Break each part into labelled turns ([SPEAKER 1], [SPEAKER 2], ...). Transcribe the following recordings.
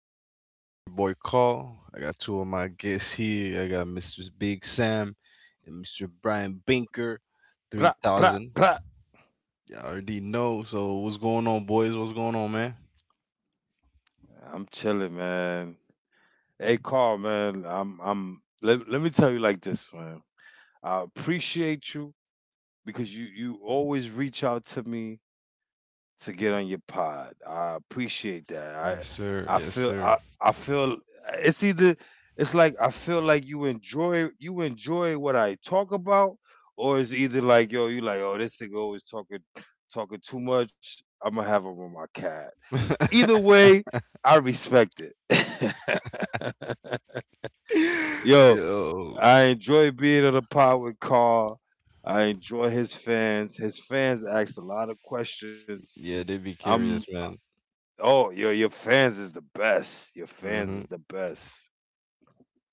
[SPEAKER 1] I already know it's your boy Call. I got two of my guests here. I got Mr. Big Sam and Mr. Brian Binker,
[SPEAKER 2] Pra, pra,
[SPEAKER 1] 3000.
[SPEAKER 2] pra.
[SPEAKER 1] Yeah, I already know. So, what's going on, boys? What's going on, man?
[SPEAKER 2] I'm chilling, man. Hey, Carl, man. Let me tell you like this, man. I appreciate you because you always reach out to me to get on your pod. I appreciate that.
[SPEAKER 1] Yes, sir.
[SPEAKER 2] I
[SPEAKER 1] Yes,
[SPEAKER 2] feel,
[SPEAKER 1] sir.
[SPEAKER 2] I feel. It's either, it's like I feel like you enjoy what I talk about, or it's either like, yo, you like, oh, this nigga always talking, talking too much. I'm gonna have him on my cat. Either way, I respect it. Yo,
[SPEAKER 1] Yo,
[SPEAKER 2] I enjoy being on the pod with Carl. I enjoy his fans. His fans ask a lot of questions.
[SPEAKER 1] yeah, they be
[SPEAKER 2] I'm
[SPEAKER 1] curious, man.
[SPEAKER 2] your fans is the best. Your fans is
[SPEAKER 1] hmm
[SPEAKER 2] the best.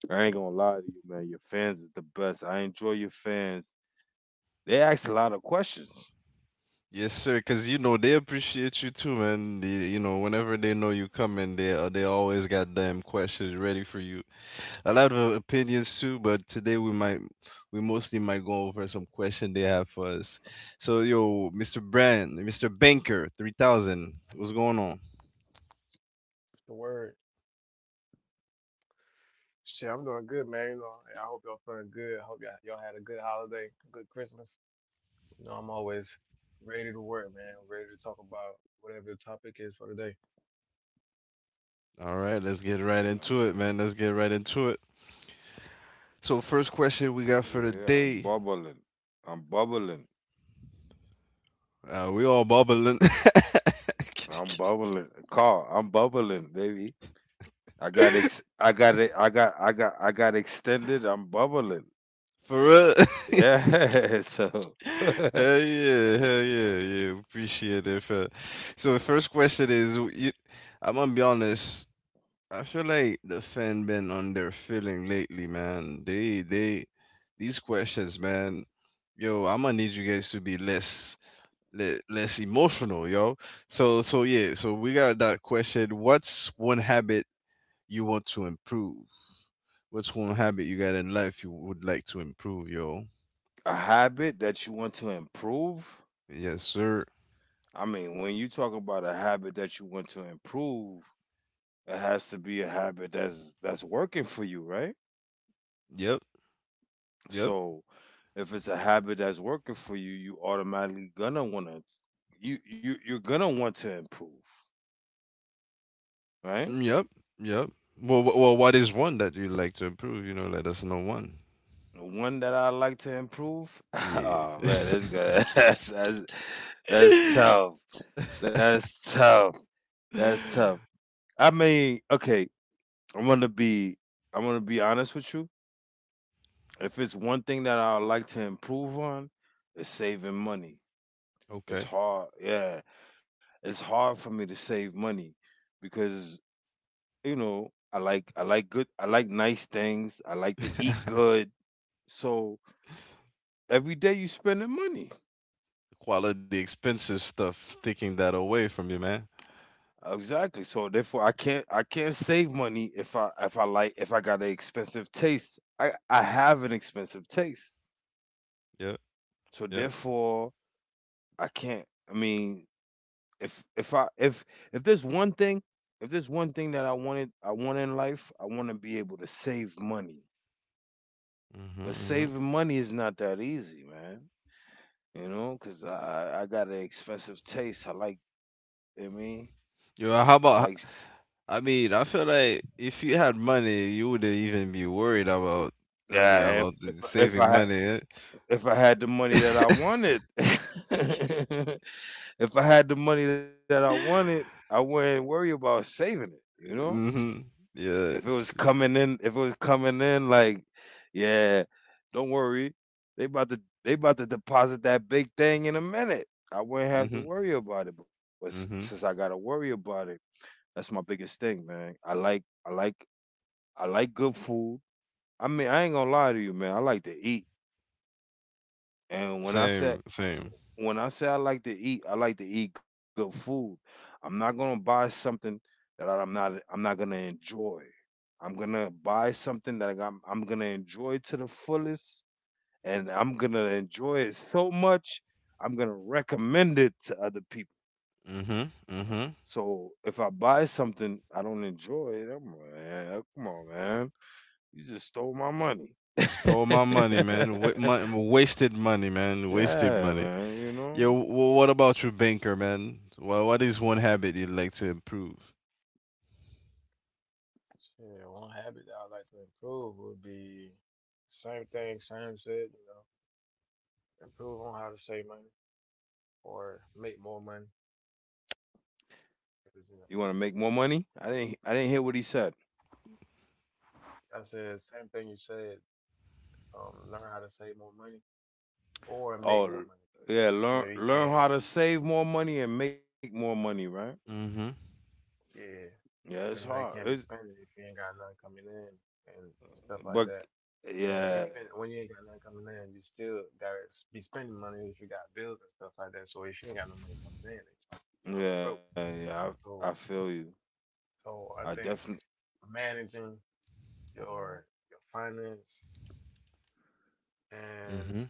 [SPEAKER 2] I ain't gonna lie to you, man. Your fans is the best. I enjoy your fans. They ask a lot of questions.
[SPEAKER 1] Yes, sir. Cause you know they appreciate you too, man. They whenever they know you coming, they always got damn questions ready for you. A lot of opinions too, but today we might, we mostly might go over some question they have for us. So yo, Mr. Brand, Mr. Banker, 3000, what's going on?
[SPEAKER 3] It's the word. Shit, I'm doing good, man. You know, I hope y'all feeling good. I hope y'all had a good holiday, good Christmas. You know, I'm always ready to work, man. Ready to talk about whatever the topic is for today.
[SPEAKER 1] All right, let's get right into
[SPEAKER 2] Uh,
[SPEAKER 1] it, man. Let's get right into it. So first question we got for the
[SPEAKER 2] yeah, I'm
[SPEAKER 1] day,
[SPEAKER 2] bubbling. I'm bubbling.
[SPEAKER 1] we all bubbling.
[SPEAKER 2] I'm bubbling. Carl, I'm bubbling, baby. I got ex I got it I got I got I got extended. I'm bubbling.
[SPEAKER 1] For real.
[SPEAKER 2] Yeah. So a
[SPEAKER 1] Hell yeah, yeah. Appreciate it. For... So the first question is, you, I'm gonna be honest. I feel like the fan been on their feeling lately, man. They these questions, man. Yo, I'm gonna need you guys to be less emotional, yo. So yeah, so we got that question. What's one habit you want to improve? What's one habit you got in life you would like to improve, yo?
[SPEAKER 2] habit that you want to improve.
[SPEAKER 1] Yes, sir.
[SPEAKER 2] I mean, when you talk about a habit that you want to improve, it has to be a habit that's working for you, right?
[SPEAKER 1] Yep, yep,
[SPEAKER 2] So if it's a habit that's working for you, you automatically gonna wanna you you you're gonna want to improve, right?
[SPEAKER 1] mm, yep, yep. Well, what is one that you'd like to improve? You know, let us know one.
[SPEAKER 2] The one that I like to improve.
[SPEAKER 1] Yeah.
[SPEAKER 2] Oh man, that's good. That's tough. That's tough. That's tough. I mean, okay, I'm gonna be I'm gonna be honest with you. If it's one thing that I would like to improve on, it's saving money. It's
[SPEAKER 1] Okay.
[SPEAKER 2] hard, yeah. It's hard for me to save money because you know I like nice things. I like to eat good. So every day you spending money.
[SPEAKER 1] Quality expensive stuff, sticking that away from you, man.
[SPEAKER 2] Exactly. So therefore, I can't save money if I got an expensive taste. I have an expensive taste.
[SPEAKER 1] Yeah,
[SPEAKER 2] So
[SPEAKER 1] yeah.
[SPEAKER 2] therefore, I can't. I mean, if if I if if there's one thing, if there's one thing that I wanted, I want in life, I want to be able to save money.
[SPEAKER 1] Mm-hmm,
[SPEAKER 2] But
[SPEAKER 1] mm-hmm.
[SPEAKER 2] saving money is not that easy, man. You know, because I got an expensive taste. I like. I mean, I
[SPEAKER 1] Yeah, how
[SPEAKER 2] like.
[SPEAKER 1] about, I mean, I feel like if you had money, you wouldn't even be worried about, I mean,
[SPEAKER 2] Yeah,
[SPEAKER 1] about the saving money.
[SPEAKER 2] if I had the
[SPEAKER 1] Eh?
[SPEAKER 2] money that I wanted, if I had the money that I wanted, I wouldn't worry about saving it. You know,
[SPEAKER 1] Mm-hmm.
[SPEAKER 2] if it was
[SPEAKER 1] Yes.
[SPEAKER 2] coming in, if it was coming in, like, yeah, don't worry, they about to deposit that big thing in a minute. I wouldn't have to
[SPEAKER 1] Mm-hmm.
[SPEAKER 2] worry about it. But since I
[SPEAKER 1] Mm-hmm.
[SPEAKER 2] gotta worry about it, that's my biggest thing, man. I like good food. I mean, I ain't gonna lie to you, man. I like to eat, and
[SPEAKER 1] Same, same.
[SPEAKER 2] when I say I like to eat, I like to eat good food. I'm not gonna buy something that I'm not gonna enjoy. I'm gonna buy something that I'm gonna enjoy to the fullest, and I'm gonna enjoy it so much. I'm gonna recommend it to other people.
[SPEAKER 1] Mm-hmm. Mm-hmm.
[SPEAKER 2] So if I buy something I don't enjoy, I'm like, man, come on, man, you just stole my money.
[SPEAKER 1] Stole my money, man. Wasted money, man. Wasted
[SPEAKER 2] Yeah,
[SPEAKER 1] money.
[SPEAKER 2] man, you
[SPEAKER 1] Yeah,
[SPEAKER 2] know.
[SPEAKER 1] what about you, Banker, man? Well, what is one habit you'd like to improve?
[SPEAKER 3] Shit, one habit that I'd like to improve would be same thing Sam said, you know, improve on how to save money or make more money.
[SPEAKER 2] You
[SPEAKER 3] Because, you
[SPEAKER 2] want to
[SPEAKER 3] know,
[SPEAKER 2] make more money? I didn't hear what he said.
[SPEAKER 3] I said same thing you said, learn how to save more money or make
[SPEAKER 2] Oh,
[SPEAKER 3] more money.
[SPEAKER 2] yeah.
[SPEAKER 3] You
[SPEAKER 2] Learn
[SPEAKER 3] know, you
[SPEAKER 2] learn
[SPEAKER 3] can't
[SPEAKER 2] how to
[SPEAKER 3] be,
[SPEAKER 2] save more money and make more money, right?
[SPEAKER 1] Mm-hmm.
[SPEAKER 3] yeah.
[SPEAKER 2] Yeah, it's
[SPEAKER 3] Cause you know
[SPEAKER 2] hard.
[SPEAKER 3] you can't
[SPEAKER 2] It's
[SPEAKER 3] be spending if you ain't got nothing coming in and stuff like
[SPEAKER 2] but
[SPEAKER 3] that. And
[SPEAKER 2] yeah,
[SPEAKER 3] even when you ain't got nothing coming in, you still gotta be spending money if you got bills and stuff like that. So if you ain't got no money coming in, then you gonna go broke.
[SPEAKER 2] yeah. I
[SPEAKER 3] So
[SPEAKER 2] feel you.
[SPEAKER 3] so
[SPEAKER 2] I
[SPEAKER 3] I think
[SPEAKER 2] definitely
[SPEAKER 3] managing your finance and
[SPEAKER 1] Mm-hmm.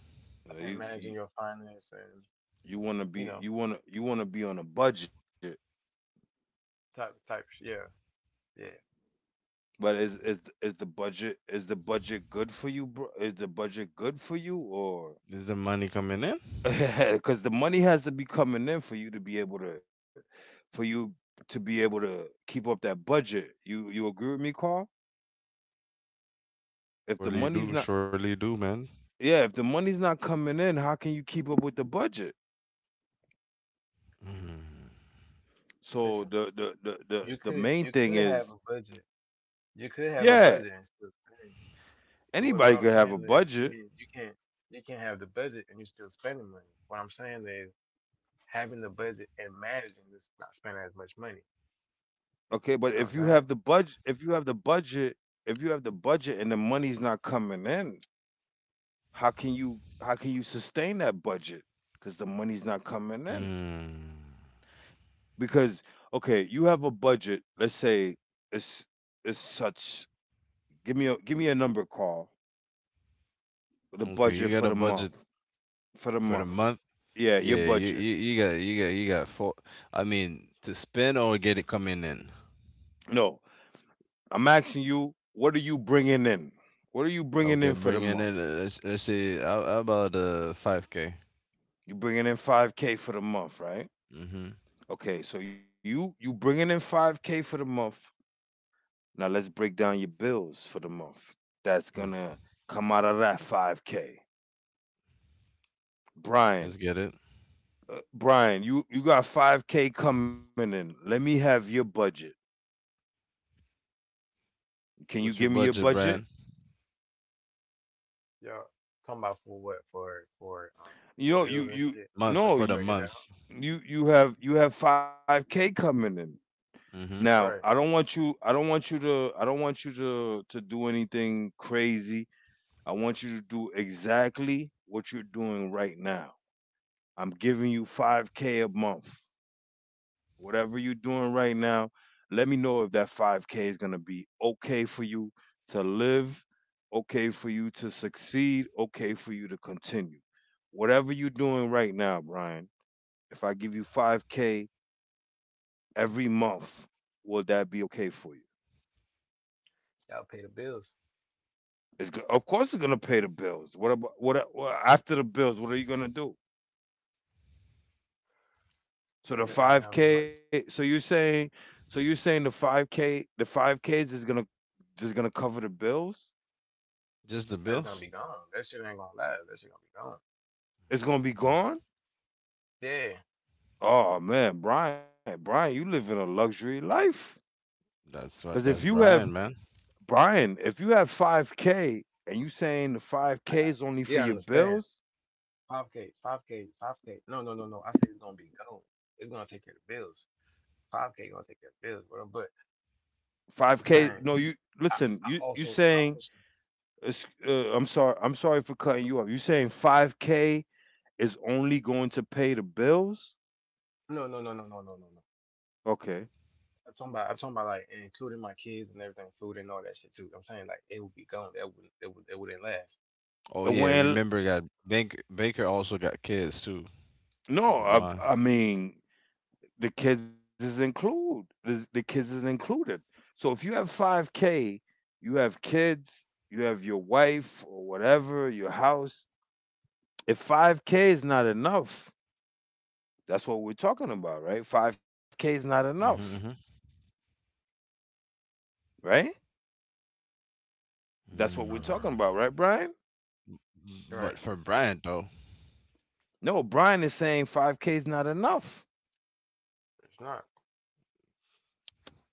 [SPEAKER 3] I think
[SPEAKER 2] you
[SPEAKER 3] managing
[SPEAKER 2] you,
[SPEAKER 3] your finance and
[SPEAKER 2] you want to
[SPEAKER 3] you
[SPEAKER 2] be
[SPEAKER 3] know
[SPEAKER 2] you want to be on a budget.
[SPEAKER 3] type yeah, yeah.
[SPEAKER 2] But is the budget good for you, bro? Is the budget good for you, or
[SPEAKER 1] Is the money coming in?
[SPEAKER 2] because the money has to be coming in for you to be able to, for you to be able to keep up that budget. You agree with me, Carl? If the money's not,
[SPEAKER 1] Surely do, man.
[SPEAKER 2] yeah, if the money's not coming in, how can you keep up with the budget?
[SPEAKER 1] Mm.
[SPEAKER 2] So
[SPEAKER 3] Listen,
[SPEAKER 2] the main thing
[SPEAKER 3] you could
[SPEAKER 2] is,
[SPEAKER 3] have a budget. You could have a
[SPEAKER 2] yeah,
[SPEAKER 3] budget and still spend. What
[SPEAKER 2] anybody
[SPEAKER 3] I'm
[SPEAKER 2] could have a
[SPEAKER 3] saying is, you
[SPEAKER 2] budget,
[SPEAKER 3] mean you can't have the budget and you're still spending money. What I'm saying is having the budget and managing this not spending as much money.
[SPEAKER 2] okay, but if
[SPEAKER 3] You know
[SPEAKER 2] you
[SPEAKER 3] what I'm
[SPEAKER 2] have the
[SPEAKER 3] saying?
[SPEAKER 2] budget, if you have the budget, if you have the budget and the money's not coming in, how can you sustain that budget? Because the money's not coming in.
[SPEAKER 1] Mm.
[SPEAKER 2] Because okay, you have a budget. Let's say it's it's such. Give me a number, Carl. The
[SPEAKER 1] Okay, you
[SPEAKER 2] budget
[SPEAKER 1] got
[SPEAKER 2] for
[SPEAKER 1] a
[SPEAKER 2] the
[SPEAKER 1] budget
[SPEAKER 2] month for the
[SPEAKER 1] for the
[SPEAKER 2] month.
[SPEAKER 1] month?
[SPEAKER 2] Yeah, your
[SPEAKER 1] Yeah,
[SPEAKER 2] budget.
[SPEAKER 1] you got four. I mean, to spend or get it coming in?
[SPEAKER 2] No, I'm asking you. What are you bringing in? What are you bringing
[SPEAKER 1] Okay,
[SPEAKER 2] in for the
[SPEAKER 1] bring in. It.
[SPEAKER 2] month?
[SPEAKER 1] Let's see. How about five k?
[SPEAKER 2] You bringing in five k for the month, right?
[SPEAKER 1] Mm-hmm.
[SPEAKER 2] Okay, so you bringing in five k for the month. Now let's break down your bills for the month. That's
[SPEAKER 1] Ooh,
[SPEAKER 2] gonna come out of that five k.
[SPEAKER 1] let's
[SPEAKER 2] Brian,
[SPEAKER 1] get it.
[SPEAKER 2] Brian, you got 5K coming in. Let me have your budget. Can you give
[SPEAKER 1] What's your
[SPEAKER 2] me your
[SPEAKER 1] budget,
[SPEAKER 2] budget?
[SPEAKER 1] Brad?
[SPEAKER 3] Yeah. Talking about for what? For
[SPEAKER 2] You
[SPEAKER 3] the
[SPEAKER 2] know, you
[SPEAKER 3] bills and
[SPEAKER 2] you
[SPEAKER 3] shit.
[SPEAKER 1] Month for the
[SPEAKER 3] So we
[SPEAKER 2] no,
[SPEAKER 3] can
[SPEAKER 2] you
[SPEAKER 1] month.
[SPEAKER 3] break it down.
[SPEAKER 2] you you have 5K coming in.
[SPEAKER 1] Mm-hmm.
[SPEAKER 2] Now, I
[SPEAKER 3] Right.
[SPEAKER 2] don't want you I don't want you to I don't want you to do anything crazy. I want you to do exactly what you're doing right now. I'm giving you 5K a month. Whatever you're doing right now, let me know if that 5K is going to be okay for you to live, okay for you to succeed, okay for you to continue. Whatever you're doing right now, Brian, if I give you 5K every month, will that be okay for you?
[SPEAKER 3] Y'all pay the bills.
[SPEAKER 2] Of course it's gonna pay the bills. What about what after the bills? What are you gonna do?
[SPEAKER 3] There
[SPEAKER 2] So
[SPEAKER 3] you go.
[SPEAKER 2] the
[SPEAKER 3] It ain't gonna
[SPEAKER 2] five
[SPEAKER 3] be much.
[SPEAKER 2] k. So you're saying the five k the five k's is gonna just gonna cover the bills?
[SPEAKER 1] Just the
[SPEAKER 3] It's gonna
[SPEAKER 1] bills?
[SPEAKER 3] be gone. That shit ain't gonna last. That shit gonna be gone.
[SPEAKER 2] It's gonna be gone?
[SPEAKER 3] Yeah.
[SPEAKER 2] Oh man, Brian, Brian, you live in a luxury life.
[SPEAKER 1] That's
[SPEAKER 2] Cause
[SPEAKER 1] right.
[SPEAKER 2] if
[SPEAKER 1] That's
[SPEAKER 2] you have
[SPEAKER 1] Brian, man.
[SPEAKER 2] Brian, if you have five K and you saying the five
[SPEAKER 3] I got
[SPEAKER 2] K
[SPEAKER 3] it.
[SPEAKER 2] is only
[SPEAKER 3] Yeah,
[SPEAKER 2] for
[SPEAKER 3] I
[SPEAKER 2] your
[SPEAKER 3] understand.
[SPEAKER 2] bills,
[SPEAKER 3] 5K, 5K, 5K. No, no, no, no. I say it's gonna be gone. It's gonna take care of the bills. 5K gonna take care of the bills. What
[SPEAKER 2] five
[SPEAKER 3] I'm
[SPEAKER 2] K
[SPEAKER 3] saying
[SPEAKER 2] no, you
[SPEAKER 3] I,
[SPEAKER 2] listen,
[SPEAKER 3] I
[SPEAKER 2] you
[SPEAKER 3] also I
[SPEAKER 2] saying
[SPEAKER 3] also
[SPEAKER 2] I'm sorry for cutting you off. You saying five K is only going to pay the bills?
[SPEAKER 3] no, no, no, no, no, no, no, no.
[SPEAKER 2] Okay.
[SPEAKER 3] I'm talking about like including my kids and everything, food and all that shit too. I'm saying like it would be gone. That would it wouldn't last.
[SPEAKER 1] Oh yeah,
[SPEAKER 2] When
[SPEAKER 1] remember that Baker. Baker also got kids too. Keep it in
[SPEAKER 2] no,
[SPEAKER 1] mind.
[SPEAKER 2] I mean the kids is included. So if you have 5k, you have kids, you have your wife or whatever, your house. If 5k is not enough, that's what we're talking about, right? 5k is not
[SPEAKER 1] hmm
[SPEAKER 2] enough,
[SPEAKER 1] hmm
[SPEAKER 2] right? That's
[SPEAKER 1] Mm.
[SPEAKER 2] what we're
[SPEAKER 3] Uh-uh.
[SPEAKER 2] talking about, right, Brian?
[SPEAKER 1] But for
[SPEAKER 3] Right.
[SPEAKER 1] Brian though,
[SPEAKER 2] No, Brian is saying 5k is not enough.
[SPEAKER 3] It's not.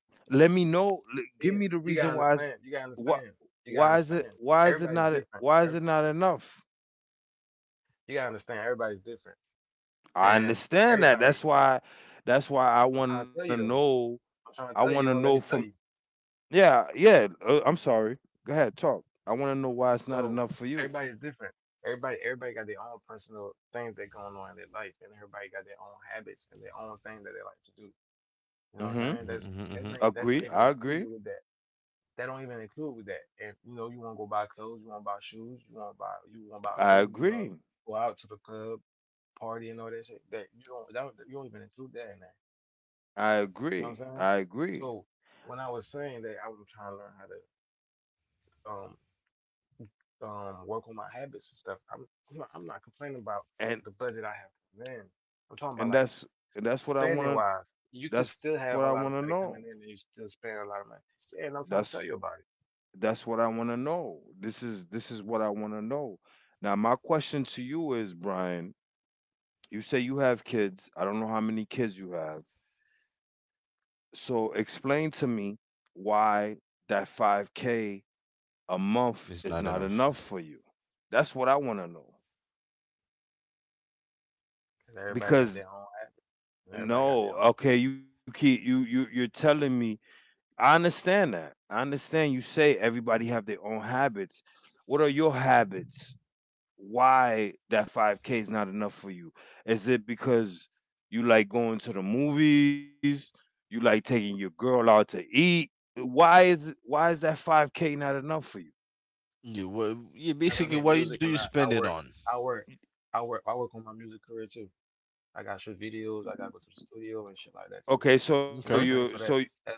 [SPEAKER 2] Let me know, give me
[SPEAKER 3] Then
[SPEAKER 2] the
[SPEAKER 3] you gotta
[SPEAKER 2] reason why is
[SPEAKER 3] understand.
[SPEAKER 2] what
[SPEAKER 3] You gotta understand. Everybody's different.
[SPEAKER 2] why is it not enough?
[SPEAKER 3] You gotta understand. Everybody's different.
[SPEAKER 2] I
[SPEAKER 3] And
[SPEAKER 2] understand that.
[SPEAKER 3] everybody.
[SPEAKER 2] That's why I
[SPEAKER 3] I'm
[SPEAKER 2] want to
[SPEAKER 3] trying to tell you though.
[SPEAKER 2] know I
[SPEAKER 3] I'm
[SPEAKER 2] want
[SPEAKER 3] trying
[SPEAKER 2] to
[SPEAKER 3] to tell you.
[SPEAKER 2] know
[SPEAKER 3] You won't let
[SPEAKER 2] from
[SPEAKER 3] me tell you.
[SPEAKER 2] yeah, yeah, I'm sorry. Go ahead, talk. I want to know why it's not
[SPEAKER 3] So
[SPEAKER 2] enough for you.
[SPEAKER 3] everybody's different. Everybody got their own personal things that going on in their life, and everybody got their own habits and their own thing that they like to do. You
[SPEAKER 2] Mhm.
[SPEAKER 3] know what I'm saying?
[SPEAKER 1] hmm
[SPEAKER 3] That's
[SPEAKER 1] hmm hmm
[SPEAKER 3] that's not
[SPEAKER 2] Agree.
[SPEAKER 3] that's not
[SPEAKER 2] I
[SPEAKER 3] even
[SPEAKER 2] agree.
[SPEAKER 3] included with that. That don't even include with that. If you know you want to go buy clothes, you want to buy shoes, you want to buy
[SPEAKER 2] I
[SPEAKER 3] food, you want to
[SPEAKER 2] agree.
[SPEAKER 3] go out to the club, party, and all that shit. That you don't that, don't- you don't even include that in that.
[SPEAKER 2] I agree.
[SPEAKER 3] You know
[SPEAKER 2] I
[SPEAKER 3] what I'm saying?
[SPEAKER 2] agree.
[SPEAKER 3] So when I was saying that I was trying to learn how to um work on my habits and stuff. I'm not complaining about
[SPEAKER 2] And
[SPEAKER 3] the budget I have coming in. I'm talking about
[SPEAKER 2] and
[SPEAKER 3] like
[SPEAKER 2] that's and that's what I
[SPEAKER 3] spending
[SPEAKER 2] want to
[SPEAKER 3] wise. You could
[SPEAKER 2] that's what I
[SPEAKER 3] still
[SPEAKER 2] want to
[SPEAKER 3] have a lot of
[SPEAKER 2] know.
[SPEAKER 3] money coming in, and you still spend a lot of money. Yeah, and I'm
[SPEAKER 2] That's
[SPEAKER 3] trying to tell you about it
[SPEAKER 2] what I want to know. This is what I want to know. Now my question to you is, Brian, you say you have kids. I don't know how many kids you have. So explain to me why that 5K a month
[SPEAKER 1] it's
[SPEAKER 2] is
[SPEAKER 1] not
[SPEAKER 2] not
[SPEAKER 1] enough.
[SPEAKER 2] enough for you. That's what I want to know.
[SPEAKER 3] because everybody got
[SPEAKER 2] Because
[SPEAKER 3] their own habits and everybody got
[SPEAKER 2] no,
[SPEAKER 3] their own shit.
[SPEAKER 2] okay, you keep you you you're telling me I understand that. I understand you say everybody have their own habits. What are your habits? Why that 5k is not enough for you, is it because you like going to the movies, you like taking your girl out to eat? Why is that 5k not enough for you?
[SPEAKER 1] You what? You
[SPEAKER 3] Because I
[SPEAKER 1] basically
[SPEAKER 3] make
[SPEAKER 1] what you
[SPEAKER 3] music
[SPEAKER 1] do
[SPEAKER 3] and
[SPEAKER 1] you
[SPEAKER 3] I
[SPEAKER 1] spend it
[SPEAKER 3] work,
[SPEAKER 1] on?
[SPEAKER 3] I work, I work on my music career too. I got shoot videos, I gotta go to the studio and shit like that too.
[SPEAKER 2] okay so
[SPEAKER 3] You know
[SPEAKER 2] you're
[SPEAKER 3] what I'm
[SPEAKER 1] Okay.
[SPEAKER 3] saying?
[SPEAKER 2] so
[SPEAKER 3] So that's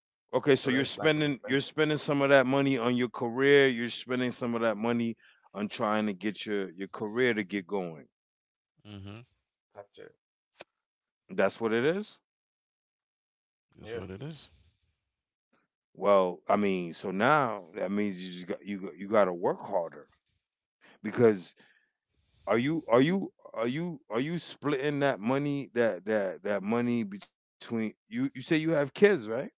[SPEAKER 2] okay, so you're
[SPEAKER 3] that's like an
[SPEAKER 2] spending
[SPEAKER 3] investment
[SPEAKER 2] some of that money on your career, you're spending some of that money on trying to get your career to get going,
[SPEAKER 1] hmm
[SPEAKER 3] type shit.
[SPEAKER 2] that's what it is.
[SPEAKER 1] That's what it
[SPEAKER 3] Yeah,
[SPEAKER 1] is.
[SPEAKER 2] Well, I mean, so now that means you just got you got to work harder because are you splitting that money that money between you? You say you have kids, right?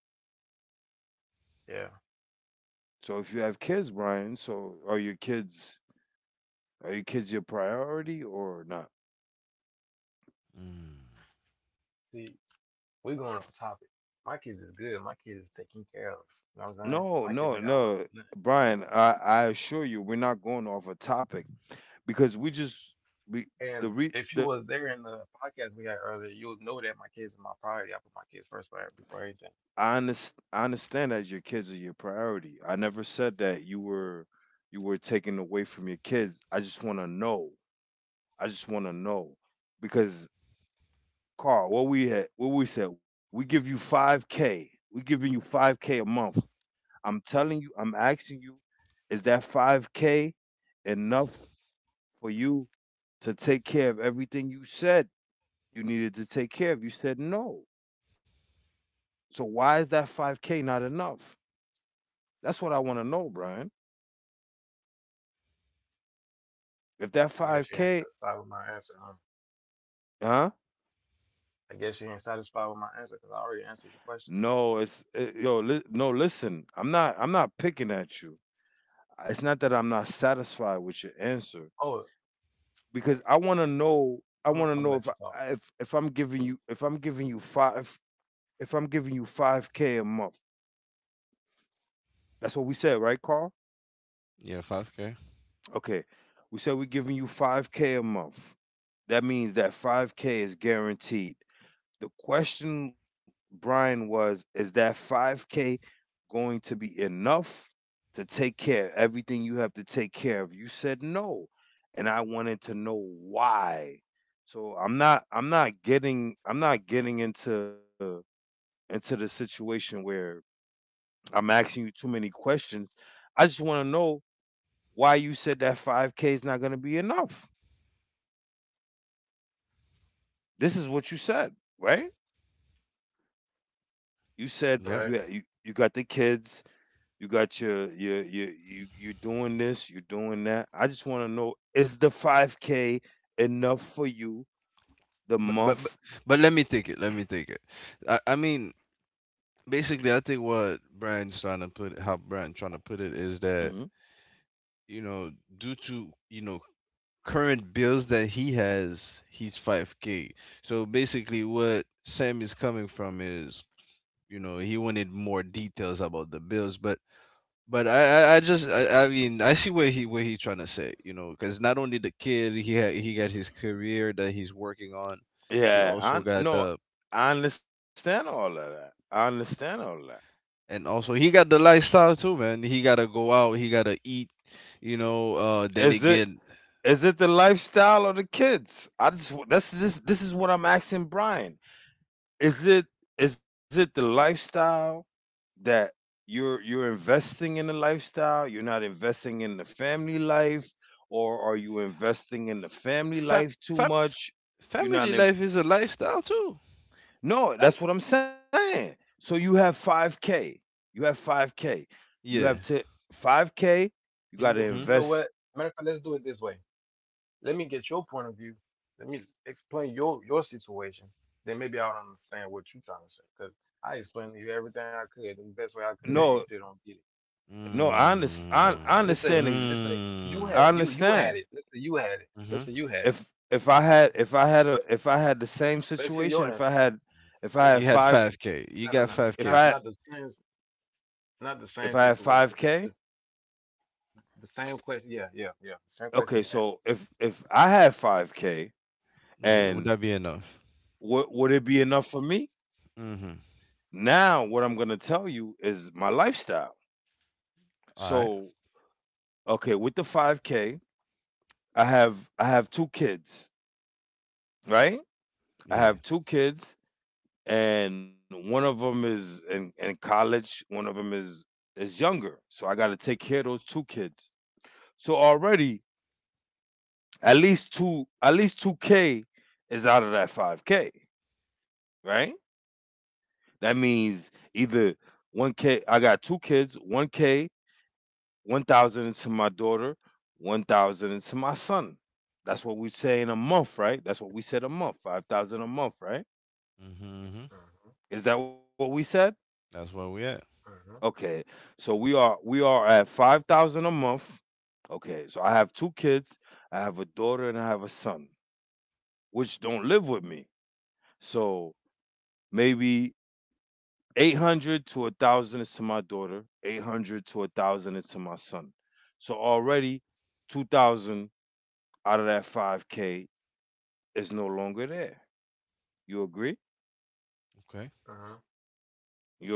[SPEAKER 3] yeah.
[SPEAKER 2] So if you have kids, Brian, so are your kids, are your kids your priority or not?
[SPEAKER 1] Mm.
[SPEAKER 3] See, we going on topic. My kids is good. My kids is taken care of. You know what I'm saying?
[SPEAKER 2] No,
[SPEAKER 3] My kids
[SPEAKER 2] no,
[SPEAKER 3] ain't got work.
[SPEAKER 2] no, Brian. I assure you, we're not going off a topic because we just we
[SPEAKER 3] And
[SPEAKER 2] the re
[SPEAKER 3] if you
[SPEAKER 2] the
[SPEAKER 3] was there in the podcast we had earlier, you would know that my kids are my priority. I put my kids first before anything.
[SPEAKER 2] I understand that your kids are your priority. I never said that you were taken away from your kids. I just want to know I just want to know because Carl, what we had, what we said, we give you 5k. We giving you 5k a month. I'm telling you, I'm asking you, is that 5k enough for you to take care of everything you said you needed to take care of? You said no. So why is that 5k not enough? That's what I want to know, Brian. If that
[SPEAKER 3] I guess you ain't
[SPEAKER 2] 5k,
[SPEAKER 3] satisfied with my answer, huh?
[SPEAKER 2] huh?
[SPEAKER 3] I guess you ain't satisfied with my answer because I already answered your question.
[SPEAKER 2] No, it's it, yo, li- no, listen. I'm not picking at you. It's not that I'm not satisfied with your answer
[SPEAKER 3] Oh, eh,
[SPEAKER 2] because I want to know. I
[SPEAKER 3] I'm,
[SPEAKER 2] want to
[SPEAKER 3] I'm gonna
[SPEAKER 2] know
[SPEAKER 3] let you talk.
[SPEAKER 2] if I'm giving you five if I'm giving you five k a month. That's what we said, right, Carl?
[SPEAKER 1] Yeah, five k.
[SPEAKER 2] Okay, we said we're giving you five k a month. That means that five k is guaranteed. The question, Brian, was: is that five k going to be enough to take care of everything you have to take care of? You said no. And I wanted to know why. So I'm not getting into the situation where I'm asking you too many questions. I just want to know why you said that 5k is not going to be enough. This is what you said, right? You said
[SPEAKER 1] Yep.
[SPEAKER 3] Correct.
[SPEAKER 2] you got the kids. You got your you you're doing this, you're doing that. I just want to know, is the 5k enough for you the
[SPEAKER 1] But, but but
[SPEAKER 2] month?
[SPEAKER 1] but let me take it. Let me take it. I mean, basically, I think what Brian's trying to put, how Brian trying to put it is that
[SPEAKER 2] Hmm.
[SPEAKER 1] you know, due to, you know, current bills that he has, he's 5K. So basically, what Sam is coming from is, you know, he wanted more details about the bills, but. But I mean I see where he trying to say, you know, because not only the kid he had, he got his career that he's working on, he
[SPEAKER 2] Yeah, I
[SPEAKER 1] also got
[SPEAKER 2] no,
[SPEAKER 1] the,
[SPEAKER 2] I understand all of that. I understand all of that.
[SPEAKER 1] and also he got the lifestyle too, man. He gotta go out, he gotta eat, you know. Then
[SPEAKER 2] Is it
[SPEAKER 1] again,
[SPEAKER 2] is it the lifestyle or the kids? I just wa- that's this is what I'm asking Brian. Is it is it the lifestyle, that you're investing in the lifestyle? You're not investing in the family life, or are you investing in the family
[SPEAKER 1] Fam,
[SPEAKER 2] life too
[SPEAKER 1] fam,
[SPEAKER 2] much? You're not
[SPEAKER 1] family
[SPEAKER 2] in
[SPEAKER 1] life is a lifestyle too.
[SPEAKER 2] No,
[SPEAKER 1] Fam-
[SPEAKER 2] that's what I'm saying. So you have 5k, you have 5k you have
[SPEAKER 1] yeah.
[SPEAKER 2] to 5k, you got to
[SPEAKER 3] You
[SPEAKER 1] Mm-hmm.
[SPEAKER 3] know what?
[SPEAKER 2] invest.
[SPEAKER 3] Matter of fact, let's do it this way. Let me get your point of view. Let me explain your situation. Then maybe I'll understand what you're trying to say. Because I explained to you everything I could in the best way I could, and
[SPEAKER 2] No,
[SPEAKER 3] you still don't get it.
[SPEAKER 2] no, I understand.
[SPEAKER 3] So
[SPEAKER 1] Mm,
[SPEAKER 3] let's say you had
[SPEAKER 2] I
[SPEAKER 1] mm,
[SPEAKER 3] you had
[SPEAKER 2] understand.
[SPEAKER 3] it. Let's say you had it. Let's say
[SPEAKER 1] mm-hmm.
[SPEAKER 3] you had it.
[SPEAKER 2] if if I had the same
[SPEAKER 3] Let's hear
[SPEAKER 2] situation
[SPEAKER 3] your answer.
[SPEAKER 2] if I
[SPEAKER 3] Let,
[SPEAKER 2] had
[SPEAKER 1] You had
[SPEAKER 2] five
[SPEAKER 1] 5K. You
[SPEAKER 3] no, no,
[SPEAKER 1] got
[SPEAKER 3] no,
[SPEAKER 2] if
[SPEAKER 3] no,
[SPEAKER 2] I
[SPEAKER 1] 5K.
[SPEAKER 3] not not the same, not
[SPEAKER 2] If
[SPEAKER 3] the
[SPEAKER 2] I had
[SPEAKER 3] same
[SPEAKER 2] five
[SPEAKER 3] situation.
[SPEAKER 2] k.
[SPEAKER 3] The same question. Yeah, yeah, yeah. The same question you asked
[SPEAKER 2] Okay. So if I had five k,
[SPEAKER 1] Yeah. Would
[SPEAKER 2] and
[SPEAKER 1] that be enough?
[SPEAKER 2] what would it be enough for me?
[SPEAKER 1] Mm-hmm.
[SPEAKER 2] Now, what I'm gonna tell you is my lifestyle.
[SPEAKER 1] All right.
[SPEAKER 2] So okay, with the five k, I have two kids, right? I
[SPEAKER 1] Yeah.
[SPEAKER 2] have two kids, and one of them is in college. One of them is younger, so I got to take care of those two kids. So already, at least two k is out of that five k, right? That means either 1K, I got two kids, 1K, 1,000 into my daughter, 1,000 into my son. That's what we say in a month, right? That's what we said a month, 5,000 a month, right?
[SPEAKER 1] Mm-hmm.
[SPEAKER 3] me.
[SPEAKER 2] Is that what we said?
[SPEAKER 1] That's where we at.
[SPEAKER 3] Hmm, hmm,
[SPEAKER 2] Okay. So we are at 5,000 a month. Okay. So I have two kids, I have a daughter and I have a son, which don't live with me. So maybe 800 to a 1,000 is to my daughter, 800 to a 1,000 is to my son. So already 2,000 out of that 5k is no longer there. You agree?
[SPEAKER 1] Okay.
[SPEAKER 3] hmm.
[SPEAKER 2] You agree?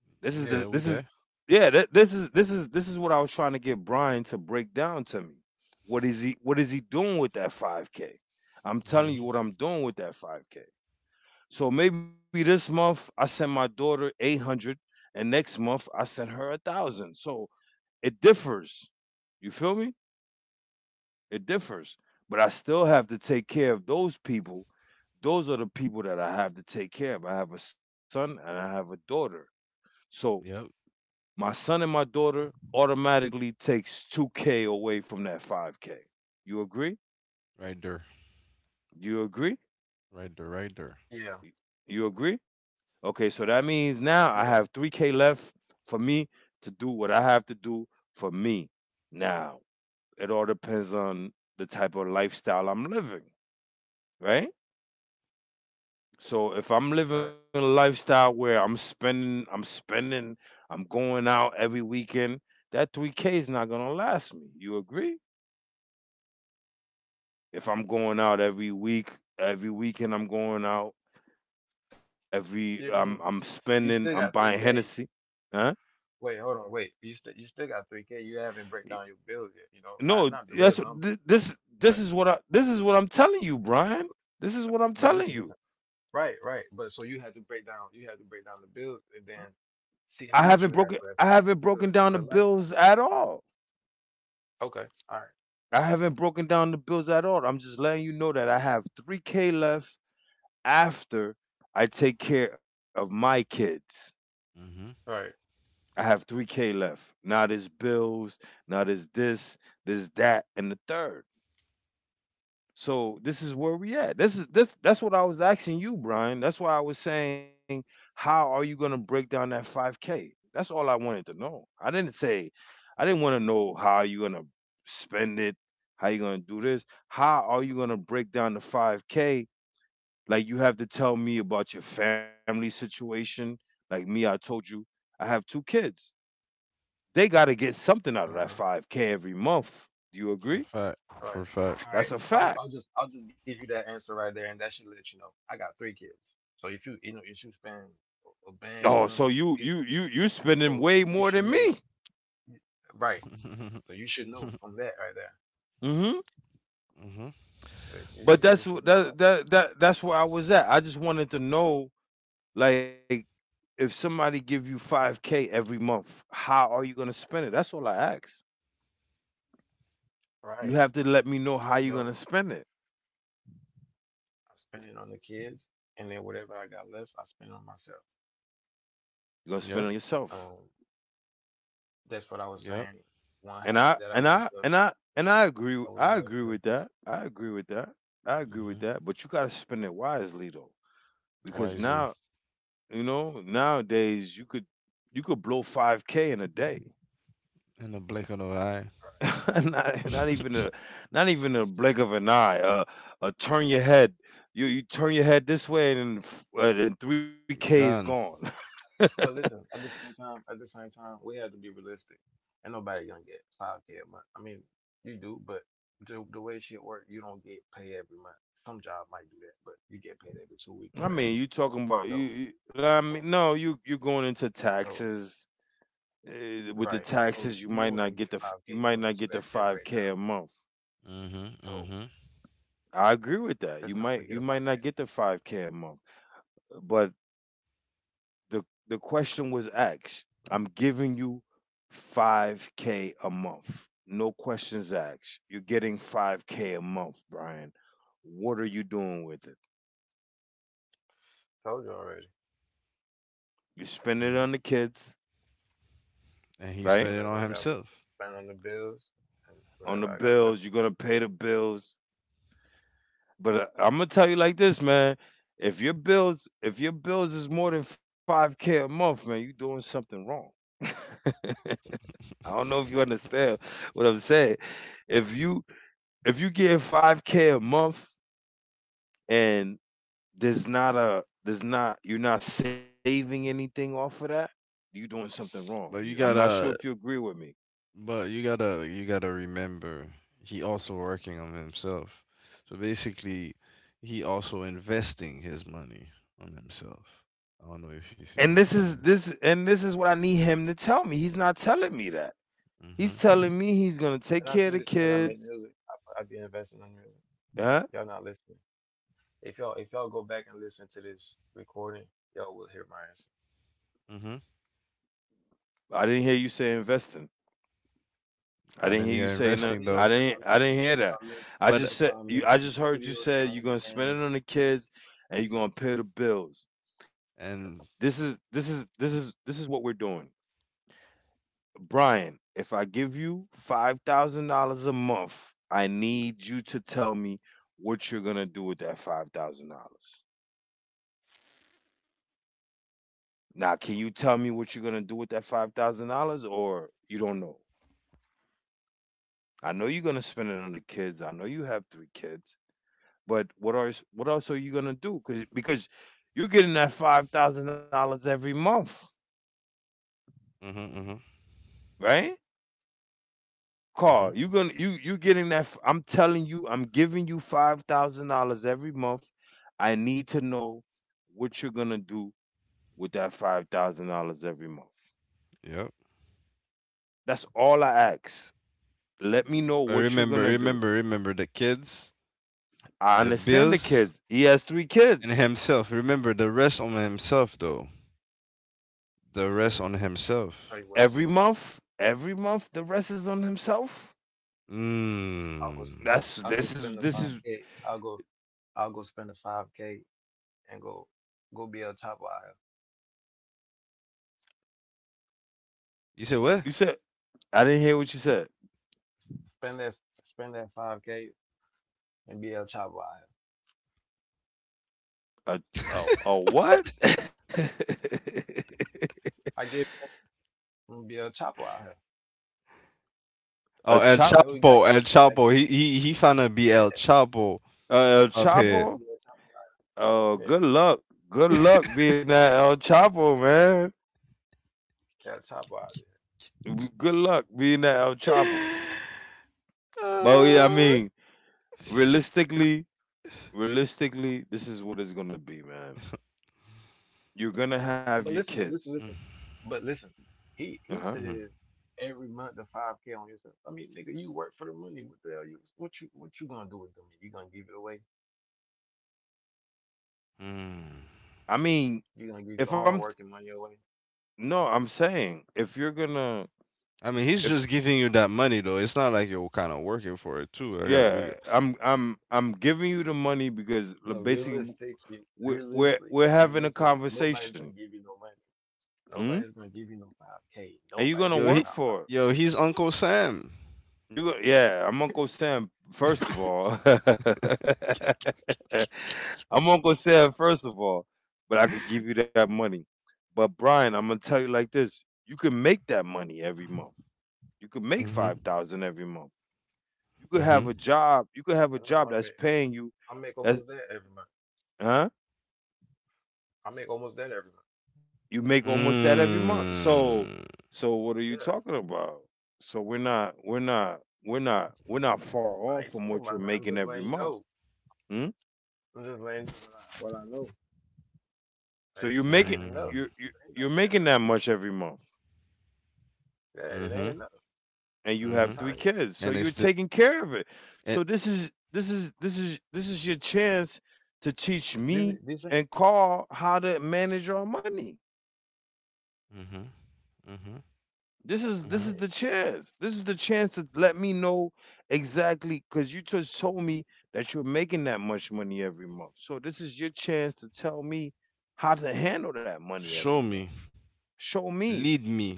[SPEAKER 2] This is
[SPEAKER 1] We
[SPEAKER 2] the
[SPEAKER 3] Yeah,
[SPEAKER 1] there.
[SPEAKER 2] this
[SPEAKER 1] We
[SPEAKER 2] is
[SPEAKER 1] there.
[SPEAKER 2] Yeah, this is what I was trying to get Brian to break down to me. What is he doing with that 5k? I'm telling
[SPEAKER 1] Mm-hmm.
[SPEAKER 2] you what I'm doing with that 5k. So maybe this month I sent my daughter 800 and next month I sent her a thousand. So it differs. You feel me? It differs. But I still have to take care of those people. Those are the people that I have to take care of. I have a son and I have a daughter. So
[SPEAKER 1] Yep.
[SPEAKER 2] my son and my daughter automatically takes 2K away from that 5K. You agree?
[SPEAKER 1] Right there.
[SPEAKER 2] You agree?
[SPEAKER 1] Right there. Right there.
[SPEAKER 3] yeah,
[SPEAKER 2] You agree? Okay, so that means now I
[SPEAKER 3] yeah.
[SPEAKER 2] have 3K left for me to do what I have to do for me. Now, it all depends on the type of lifestyle I'm living, right? So
[SPEAKER 3] All
[SPEAKER 2] if
[SPEAKER 3] right.
[SPEAKER 2] I'm living a lifestyle where I'm spending, I'm going out every weekend, that 3K is not going to last me. You agree? If I'm going out every weekend, I'm going out, every
[SPEAKER 3] Yeah, I
[SPEAKER 2] I'm
[SPEAKER 3] mean,
[SPEAKER 2] spending,
[SPEAKER 3] you
[SPEAKER 2] I'm
[SPEAKER 3] still
[SPEAKER 2] buying
[SPEAKER 3] got three
[SPEAKER 2] Hennessy,
[SPEAKER 3] K.
[SPEAKER 2] huh?
[SPEAKER 3] Wait, hold on, wait. You still got 3K. You haven't break down your bill yet. You know,
[SPEAKER 2] No,
[SPEAKER 3] not the real
[SPEAKER 2] that's
[SPEAKER 3] number,
[SPEAKER 2] this
[SPEAKER 3] but
[SPEAKER 2] is what I this is what I'm telling you, Brian. This is what I'm
[SPEAKER 3] but
[SPEAKER 2] telling
[SPEAKER 3] listen,
[SPEAKER 2] you.
[SPEAKER 3] listen. Right, right. But so you had to break down the bills and then see how much you have
[SPEAKER 2] I
[SPEAKER 3] left
[SPEAKER 2] haven't broken
[SPEAKER 3] to,
[SPEAKER 2] down the
[SPEAKER 3] for the lifestyle.
[SPEAKER 2] bills at all.
[SPEAKER 3] Okay. All right.
[SPEAKER 2] I haven't broken down the bills at all. I'm just letting you know that I have 3K left after I take care of my kids.
[SPEAKER 1] Mm-hmm.
[SPEAKER 3] All right.
[SPEAKER 2] I have 3K left. Now there's bills, now there's this, there's that, and the third. So this is where we at. This is this That's what I was asking you, Brian. That's why I was saying, how are you gonna break down that five K? That's all I wanted to know. I didn't want to know how you gonna spend it, how you gonna do this. How are you gonna break down the five K? Like, you have to tell me about your family situation. Like me, I told you I have two kids. They gotta get something out of that
[SPEAKER 3] Uh-huh.
[SPEAKER 2] five K every month. Do you
[SPEAKER 1] For a
[SPEAKER 2] agree?
[SPEAKER 1] fact.
[SPEAKER 3] All right.
[SPEAKER 1] For a
[SPEAKER 3] All
[SPEAKER 1] fact.
[SPEAKER 3] right.
[SPEAKER 2] That's a fact.
[SPEAKER 3] I'll just give you that answer right there, and that should let you know. I got three kids, so if you you know if you spend a
[SPEAKER 2] Oh,
[SPEAKER 3] band
[SPEAKER 2] so
[SPEAKER 3] on them, it,
[SPEAKER 2] you spending
[SPEAKER 3] so
[SPEAKER 2] way
[SPEAKER 3] you
[SPEAKER 2] more
[SPEAKER 3] should
[SPEAKER 2] than
[SPEAKER 3] know.
[SPEAKER 2] me.
[SPEAKER 3] Right. So you should know
[SPEAKER 1] Mm-hmm.
[SPEAKER 3] from that right there.
[SPEAKER 2] Mhm.
[SPEAKER 3] But
[SPEAKER 2] But
[SPEAKER 3] you should know right there.
[SPEAKER 2] that's where I was at. I just wanted to know, like, if somebody give you 5k every month, how are you going to spend it? That's all I ask. You
[SPEAKER 3] Right.
[SPEAKER 2] have to let me know how you're
[SPEAKER 3] You
[SPEAKER 2] going to
[SPEAKER 3] know,
[SPEAKER 2] spend it.
[SPEAKER 3] I spend it on the kids and then whatever I got left I spend on myself.
[SPEAKER 2] You're going to spend it on
[SPEAKER 1] Yep.
[SPEAKER 2] yourself.
[SPEAKER 3] Um that's what I was saying.
[SPEAKER 1] Yep.
[SPEAKER 3] One
[SPEAKER 2] And
[SPEAKER 3] habit
[SPEAKER 2] I
[SPEAKER 3] that
[SPEAKER 2] and I and I and I
[SPEAKER 3] I would
[SPEAKER 2] agree w-
[SPEAKER 3] love
[SPEAKER 2] I
[SPEAKER 3] to
[SPEAKER 2] agree with that. I agree with that. I agree with
[SPEAKER 1] Mm-hmm.
[SPEAKER 2] that, but you got to spend it wisely though. Because
[SPEAKER 1] Wisely.
[SPEAKER 2] now, nowadays you could you could blow 5K in a day.
[SPEAKER 1] In the blink of an eye.
[SPEAKER 3] right?
[SPEAKER 2] Not even a blink of an eye. Turn your head. You turn your head this way and then 3K is
[SPEAKER 1] Gun.
[SPEAKER 2] gone.
[SPEAKER 3] But listen, at the same time, at the same time we have to be realistic. And nobody gonna get 5K a month. I mean, you do, but the way shit work, you don't get paid every month. Some job might do that, but you get paid every 2 week or
[SPEAKER 2] I
[SPEAKER 3] every
[SPEAKER 2] mean, you talking about
[SPEAKER 3] so
[SPEAKER 2] you, I mean, no, you're going into
[SPEAKER 3] so
[SPEAKER 2] taxes. With the
[SPEAKER 3] right. So
[SPEAKER 2] taxes,
[SPEAKER 3] you don't even get five
[SPEAKER 2] you
[SPEAKER 3] K for
[SPEAKER 2] might
[SPEAKER 3] real.
[SPEAKER 2] not
[SPEAKER 3] So
[SPEAKER 2] get the
[SPEAKER 3] that shit
[SPEAKER 2] five
[SPEAKER 3] break
[SPEAKER 2] k
[SPEAKER 3] down.
[SPEAKER 2] a month.
[SPEAKER 1] hmm
[SPEAKER 3] So
[SPEAKER 1] hmm
[SPEAKER 2] I agree with that.
[SPEAKER 3] let's not forget
[SPEAKER 2] You might
[SPEAKER 3] about
[SPEAKER 2] not
[SPEAKER 3] that.
[SPEAKER 2] get the five k a month, but the question was asked. I'm giving you 5k a month. No questions asked. You're getting 5k a month, Brian. What are you doing with it?
[SPEAKER 3] Told you already.
[SPEAKER 2] You are spending it on the kids,
[SPEAKER 1] And he
[SPEAKER 2] right?
[SPEAKER 1] spent it
[SPEAKER 3] Whatever
[SPEAKER 1] on
[SPEAKER 3] I got left,
[SPEAKER 1] himself.
[SPEAKER 3] spend on the bills and
[SPEAKER 2] On
[SPEAKER 3] whatever
[SPEAKER 2] the
[SPEAKER 3] I got left.
[SPEAKER 2] bills, you're going to pay the bills. But I'm going to tell you like this, man. If your bills is more than 5k a month, man, you're doing something wrong. I don't know if you understand what I'm saying. If you if you get five k a month and there's not, you're not saving anything off of that, you doing something
[SPEAKER 1] But you
[SPEAKER 2] wrong. I'm
[SPEAKER 1] gotta,
[SPEAKER 2] not sure if you agree with me.
[SPEAKER 1] you gotta remember, he also working on himself. So basically, he also investing his money on himself. I don't know if you see where I'm coming.
[SPEAKER 2] And this is what I need him to tell me. He's not telling me that.
[SPEAKER 1] Mm-hmm.
[SPEAKER 2] He's telling me he's gonna
[SPEAKER 3] And I
[SPEAKER 2] take
[SPEAKER 3] tell this
[SPEAKER 2] care of the
[SPEAKER 3] man I make music.
[SPEAKER 2] kids.
[SPEAKER 3] I be investing in music.
[SPEAKER 2] Huh?
[SPEAKER 3] Y'all not listening. If y'all go back and listen to this recording, y'all will hear my answer.
[SPEAKER 1] Mm-hmm.
[SPEAKER 2] I didn't hear you say investing. I
[SPEAKER 1] I
[SPEAKER 2] didn't hear
[SPEAKER 1] didn't
[SPEAKER 2] you
[SPEAKER 1] hear
[SPEAKER 2] say
[SPEAKER 3] I
[SPEAKER 2] no.
[SPEAKER 1] investing
[SPEAKER 3] did.
[SPEAKER 1] though,
[SPEAKER 3] I
[SPEAKER 2] I
[SPEAKER 3] mentioned
[SPEAKER 2] didn't hear that. I
[SPEAKER 1] but
[SPEAKER 2] just
[SPEAKER 3] that's why
[SPEAKER 2] said.
[SPEAKER 3] I
[SPEAKER 2] I
[SPEAKER 3] mentioned
[SPEAKER 2] just heard you
[SPEAKER 3] studio
[SPEAKER 2] said
[SPEAKER 3] time
[SPEAKER 2] you're gonna
[SPEAKER 3] and
[SPEAKER 2] spend it on the kids and you're gonna pay the bills.
[SPEAKER 1] and
[SPEAKER 2] This is what we're doing. Brian, if I give you $5,000 a month, I need you to tell me what you're going to do with that $5,000. Now, can you tell me what you're going to do with that $5,000 or you don't know? I know you're going to spend it on the kids. I know you have 3 kids. But what else are you going to do cuz because you're getting that $5,000 every month,
[SPEAKER 1] mm-hmm, mm-hmm,
[SPEAKER 2] right? Carl,
[SPEAKER 1] mm-hmm.
[SPEAKER 2] you gonna you you getting that? I'm telling you, I'm giving you $5,000 every month. I need to know what you're gonna do with that $5,000 every month.
[SPEAKER 1] Yep.
[SPEAKER 2] That's all I ask. Let me know
[SPEAKER 1] But
[SPEAKER 2] what you're
[SPEAKER 1] remember,
[SPEAKER 2] gonna do.
[SPEAKER 1] remember, remember the kids.
[SPEAKER 2] I
[SPEAKER 1] The
[SPEAKER 2] understand the
[SPEAKER 1] bills
[SPEAKER 2] kids. He has three
[SPEAKER 1] and
[SPEAKER 2] kids.
[SPEAKER 1] himself. Remember the rest on himself though. The rest
[SPEAKER 3] shit.
[SPEAKER 1] on himself.
[SPEAKER 3] Tell you what,
[SPEAKER 2] Every month, the rest is on himself.
[SPEAKER 1] Mm.
[SPEAKER 2] That's
[SPEAKER 3] I'll go
[SPEAKER 2] this
[SPEAKER 3] spend
[SPEAKER 2] is
[SPEAKER 3] the
[SPEAKER 2] this
[SPEAKER 3] five
[SPEAKER 2] is.
[SPEAKER 3] k. I'll go I'll go spend the five k and go be a top wire.
[SPEAKER 1] You said what?
[SPEAKER 2] You said I didn't hear what you said.
[SPEAKER 3] Spend that spend that 5K and be El Chapo out here.
[SPEAKER 2] A a what?
[SPEAKER 3] I give him be El Chapo out here.
[SPEAKER 2] a
[SPEAKER 3] You
[SPEAKER 2] chop.
[SPEAKER 3] know we got,
[SPEAKER 1] El
[SPEAKER 3] we,
[SPEAKER 1] Chapo. He finna be El
[SPEAKER 3] yeah,
[SPEAKER 1] Chapo
[SPEAKER 2] El
[SPEAKER 1] up
[SPEAKER 3] yeah,
[SPEAKER 1] here.
[SPEAKER 3] be
[SPEAKER 2] Chapo.
[SPEAKER 3] El Chapo.
[SPEAKER 2] Oh,
[SPEAKER 3] Yeah,
[SPEAKER 2] good luck. Good luck being that El Chapo, man.
[SPEAKER 3] El Chapo out
[SPEAKER 2] Good luck being that El Chapo. But yeah, I
[SPEAKER 1] Uh,
[SPEAKER 2] mean, realistically, realistically, this is what it's gonna be, man. You're gonna have
[SPEAKER 3] there. But
[SPEAKER 2] your
[SPEAKER 3] listen,
[SPEAKER 2] kids.
[SPEAKER 3] listen,
[SPEAKER 1] mm,
[SPEAKER 3] listen. But listen,
[SPEAKER 2] Uh
[SPEAKER 3] he
[SPEAKER 2] huh.
[SPEAKER 3] said
[SPEAKER 1] mm,
[SPEAKER 3] every month the 5K on yourself. I mean, nigga, you work for the money. What the hell you what you what you gonna do with the money? You gonna give it away?
[SPEAKER 1] mm.
[SPEAKER 2] I mean,
[SPEAKER 3] You gonna give your
[SPEAKER 2] if
[SPEAKER 3] hard
[SPEAKER 2] I'm
[SPEAKER 3] working money away?
[SPEAKER 2] no, I'm saying, if you're gonna
[SPEAKER 1] I mean, he's
[SPEAKER 2] if
[SPEAKER 1] just giving you that money though. It's not like you're kind of working for it too. I got we got,
[SPEAKER 2] yeah, I'm giving you the money because,
[SPEAKER 3] No,
[SPEAKER 2] like, basically
[SPEAKER 3] realistically, realistically
[SPEAKER 2] we're having a
[SPEAKER 3] realistically, nobody's
[SPEAKER 2] conversation,
[SPEAKER 3] gonna give you no money.
[SPEAKER 2] mm?
[SPEAKER 3] Nobody's gonna give you no 5K.
[SPEAKER 2] And you're gonna
[SPEAKER 3] Nobody's
[SPEAKER 1] yo
[SPEAKER 2] work
[SPEAKER 3] giving
[SPEAKER 1] he,
[SPEAKER 3] out
[SPEAKER 2] for it.
[SPEAKER 1] yo he's Uncle Sam.
[SPEAKER 2] You go Yeah, I'm Uncle Sam, first of all. I'm Uncle Sam, first of all, but I could give you that money. But Brian, I'm gonna tell you like this: you can make that money every month. You could make
[SPEAKER 1] Mhm.
[SPEAKER 2] 5,000 every month. You could have
[SPEAKER 1] Mhm.
[SPEAKER 2] a job. You
[SPEAKER 3] I
[SPEAKER 2] could
[SPEAKER 3] know
[SPEAKER 2] have a job that's paying
[SPEAKER 3] I
[SPEAKER 2] you.
[SPEAKER 3] make almost that
[SPEAKER 2] That's
[SPEAKER 3] every month.
[SPEAKER 2] Huh?
[SPEAKER 3] I make almost that every month.
[SPEAKER 2] You make almost that every month.
[SPEAKER 1] Mm,
[SPEAKER 2] So what are
[SPEAKER 3] Yeah.
[SPEAKER 2] you talking about? So we're not far
[SPEAKER 3] I ain't
[SPEAKER 2] off
[SPEAKER 3] talking
[SPEAKER 2] from
[SPEAKER 3] about
[SPEAKER 2] what
[SPEAKER 3] that.
[SPEAKER 2] you're
[SPEAKER 3] I'm just
[SPEAKER 2] making
[SPEAKER 3] letting you
[SPEAKER 2] every
[SPEAKER 3] know.
[SPEAKER 2] month. Hmm?
[SPEAKER 3] I'm just letting you know what what I know. Like
[SPEAKER 2] So
[SPEAKER 3] that ain't enough.
[SPEAKER 1] mm.
[SPEAKER 3] It ain't gonna be
[SPEAKER 2] you're
[SPEAKER 3] enough.
[SPEAKER 2] making that much every month,
[SPEAKER 3] Yeah, it ain't
[SPEAKER 1] Mhm.
[SPEAKER 3] enough.
[SPEAKER 2] and you
[SPEAKER 3] I'm
[SPEAKER 2] have
[SPEAKER 1] Mhm.
[SPEAKER 3] telling
[SPEAKER 2] three
[SPEAKER 3] you.
[SPEAKER 2] kids, so
[SPEAKER 1] And
[SPEAKER 2] you're
[SPEAKER 1] it's the
[SPEAKER 2] taking care of it.
[SPEAKER 1] it.
[SPEAKER 2] So this is your chance to teach
[SPEAKER 3] This is-
[SPEAKER 2] me
[SPEAKER 3] this ain't I'm
[SPEAKER 2] and Carl how to manage our money.
[SPEAKER 1] Mhm. Mhm.
[SPEAKER 3] telling
[SPEAKER 2] This
[SPEAKER 1] Mhm.
[SPEAKER 3] you.
[SPEAKER 2] is the chance. This is the chance to let me know exactly, because you just told me that you're making that much money every month. So this is your chance to tell me how to handle that money every
[SPEAKER 1] Show me.
[SPEAKER 2] month. Show me
[SPEAKER 1] Lead me.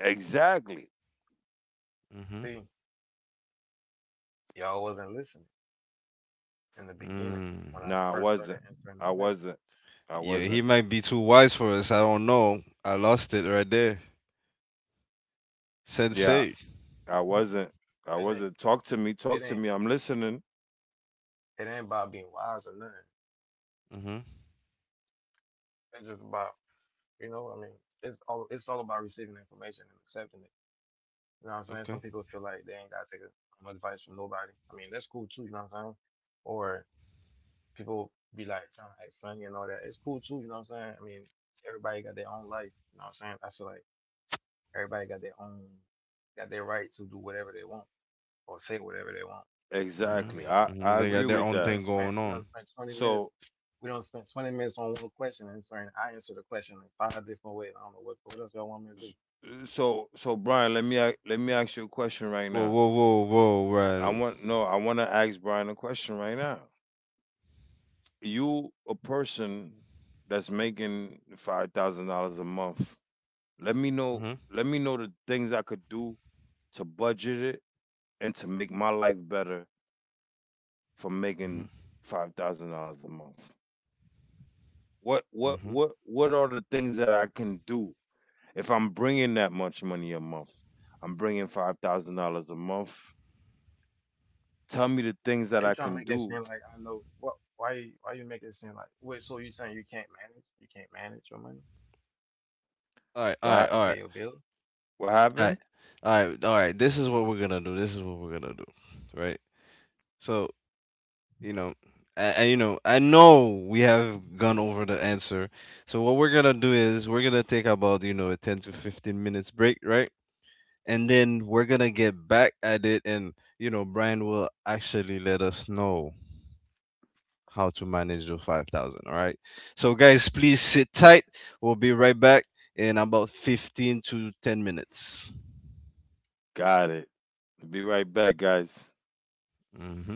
[SPEAKER 2] exactly.
[SPEAKER 1] Mhm.
[SPEAKER 3] See, y'all wasn't listening in the beginning when I
[SPEAKER 1] Mm.
[SPEAKER 2] No,
[SPEAKER 3] first
[SPEAKER 2] I
[SPEAKER 3] started
[SPEAKER 2] wasn't.
[SPEAKER 3] answering the
[SPEAKER 2] I
[SPEAKER 3] question.
[SPEAKER 2] wasn't. I
[SPEAKER 1] Yeah, he
[SPEAKER 2] wasn't.
[SPEAKER 1] might be too wise for us. I don't know. I lost it right there.
[SPEAKER 2] Yeah,
[SPEAKER 1] Sensei.
[SPEAKER 2] I wasn't. I
[SPEAKER 3] It ain't
[SPEAKER 2] wasn't. Talk to me. Talk
[SPEAKER 3] it
[SPEAKER 2] to me.
[SPEAKER 3] ain't
[SPEAKER 2] I'm listening.
[SPEAKER 3] it ain't about being wise or nothing.
[SPEAKER 1] Mhm.
[SPEAKER 3] It's just about, you know, I mean, it's all about receiving information and accepting it. You know what I'm saying? Some people
[SPEAKER 1] Okay.
[SPEAKER 3] feel like they ain't gotta take advice from nobody. I mean, that's cool too, you know what I'm saying? Or people be like trying to act funny and all that. It's cool too, you know what I'm saying? I mean, everybody got their own life, you know what I'm saying? I feel like everybody got their own got their right to do whatever they want or say whatever they want. I
[SPEAKER 1] Mhm.
[SPEAKER 2] Exactly.
[SPEAKER 3] mean,
[SPEAKER 1] Mhm.
[SPEAKER 2] I
[SPEAKER 1] They got
[SPEAKER 2] agree
[SPEAKER 1] their
[SPEAKER 2] with
[SPEAKER 1] own
[SPEAKER 2] that.
[SPEAKER 1] thing going
[SPEAKER 3] we don't
[SPEAKER 1] on.
[SPEAKER 3] spend 20 minutes
[SPEAKER 2] So
[SPEAKER 3] on one question answering. I answer the question in five different ways. I don't know what else y'all want me to do.
[SPEAKER 2] s- so Brian, let me let me ask you a question right
[SPEAKER 1] Whoa,
[SPEAKER 2] now.
[SPEAKER 1] whoa, whoa, whoa.
[SPEAKER 2] I
[SPEAKER 1] Right.
[SPEAKER 2] want No, I want to ask Brian a question right now. You a person that's making $5,000 a month. Let me know
[SPEAKER 1] Mhm.
[SPEAKER 2] Let me know the things I could do to budget it and to make my life better from
[SPEAKER 1] Mhm.
[SPEAKER 2] making $5,000 a month?
[SPEAKER 1] Mhm.
[SPEAKER 2] What are the things that I can do if I'm bringing that much money a month? I'm bringing $5,000 a month. Tell me the things
[SPEAKER 3] Why
[SPEAKER 2] that
[SPEAKER 3] you
[SPEAKER 2] I
[SPEAKER 3] trying to
[SPEAKER 2] can
[SPEAKER 3] make it
[SPEAKER 2] do.
[SPEAKER 3] seem like I know what? Why you make it seem like wait? So you saying you can't manage? You can't manage your money
[SPEAKER 1] All right. All right.
[SPEAKER 2] What
[SPEAKER 3] to
[SPEAKER 1] All
[SPEAKER 3] pay
[SPEAKER 1] right.
[SPEAKER 3] your bills?
[SPEAKER 2] what
[SPEAKER 1] All
[SPEAKER 2] happened?
[SPEAKER 1] right. All right. All right. This is what we're gonna do. This is what we're gonna do. Right. So you know you know, I know we have gone over the answer, so what we're gonna do is we're gonna take about, you know, a 10 to 15 minutes break, right? And then we're gonna get back at it, and, you know, Brian will actually let us know how to manage your 5,000. All right, so guys, please sit tight, we'll be right back in about 15 to 10 minutes.
[SPEAKER 2] Got it. Be right back, guys.
[SPEAKER 1] hmm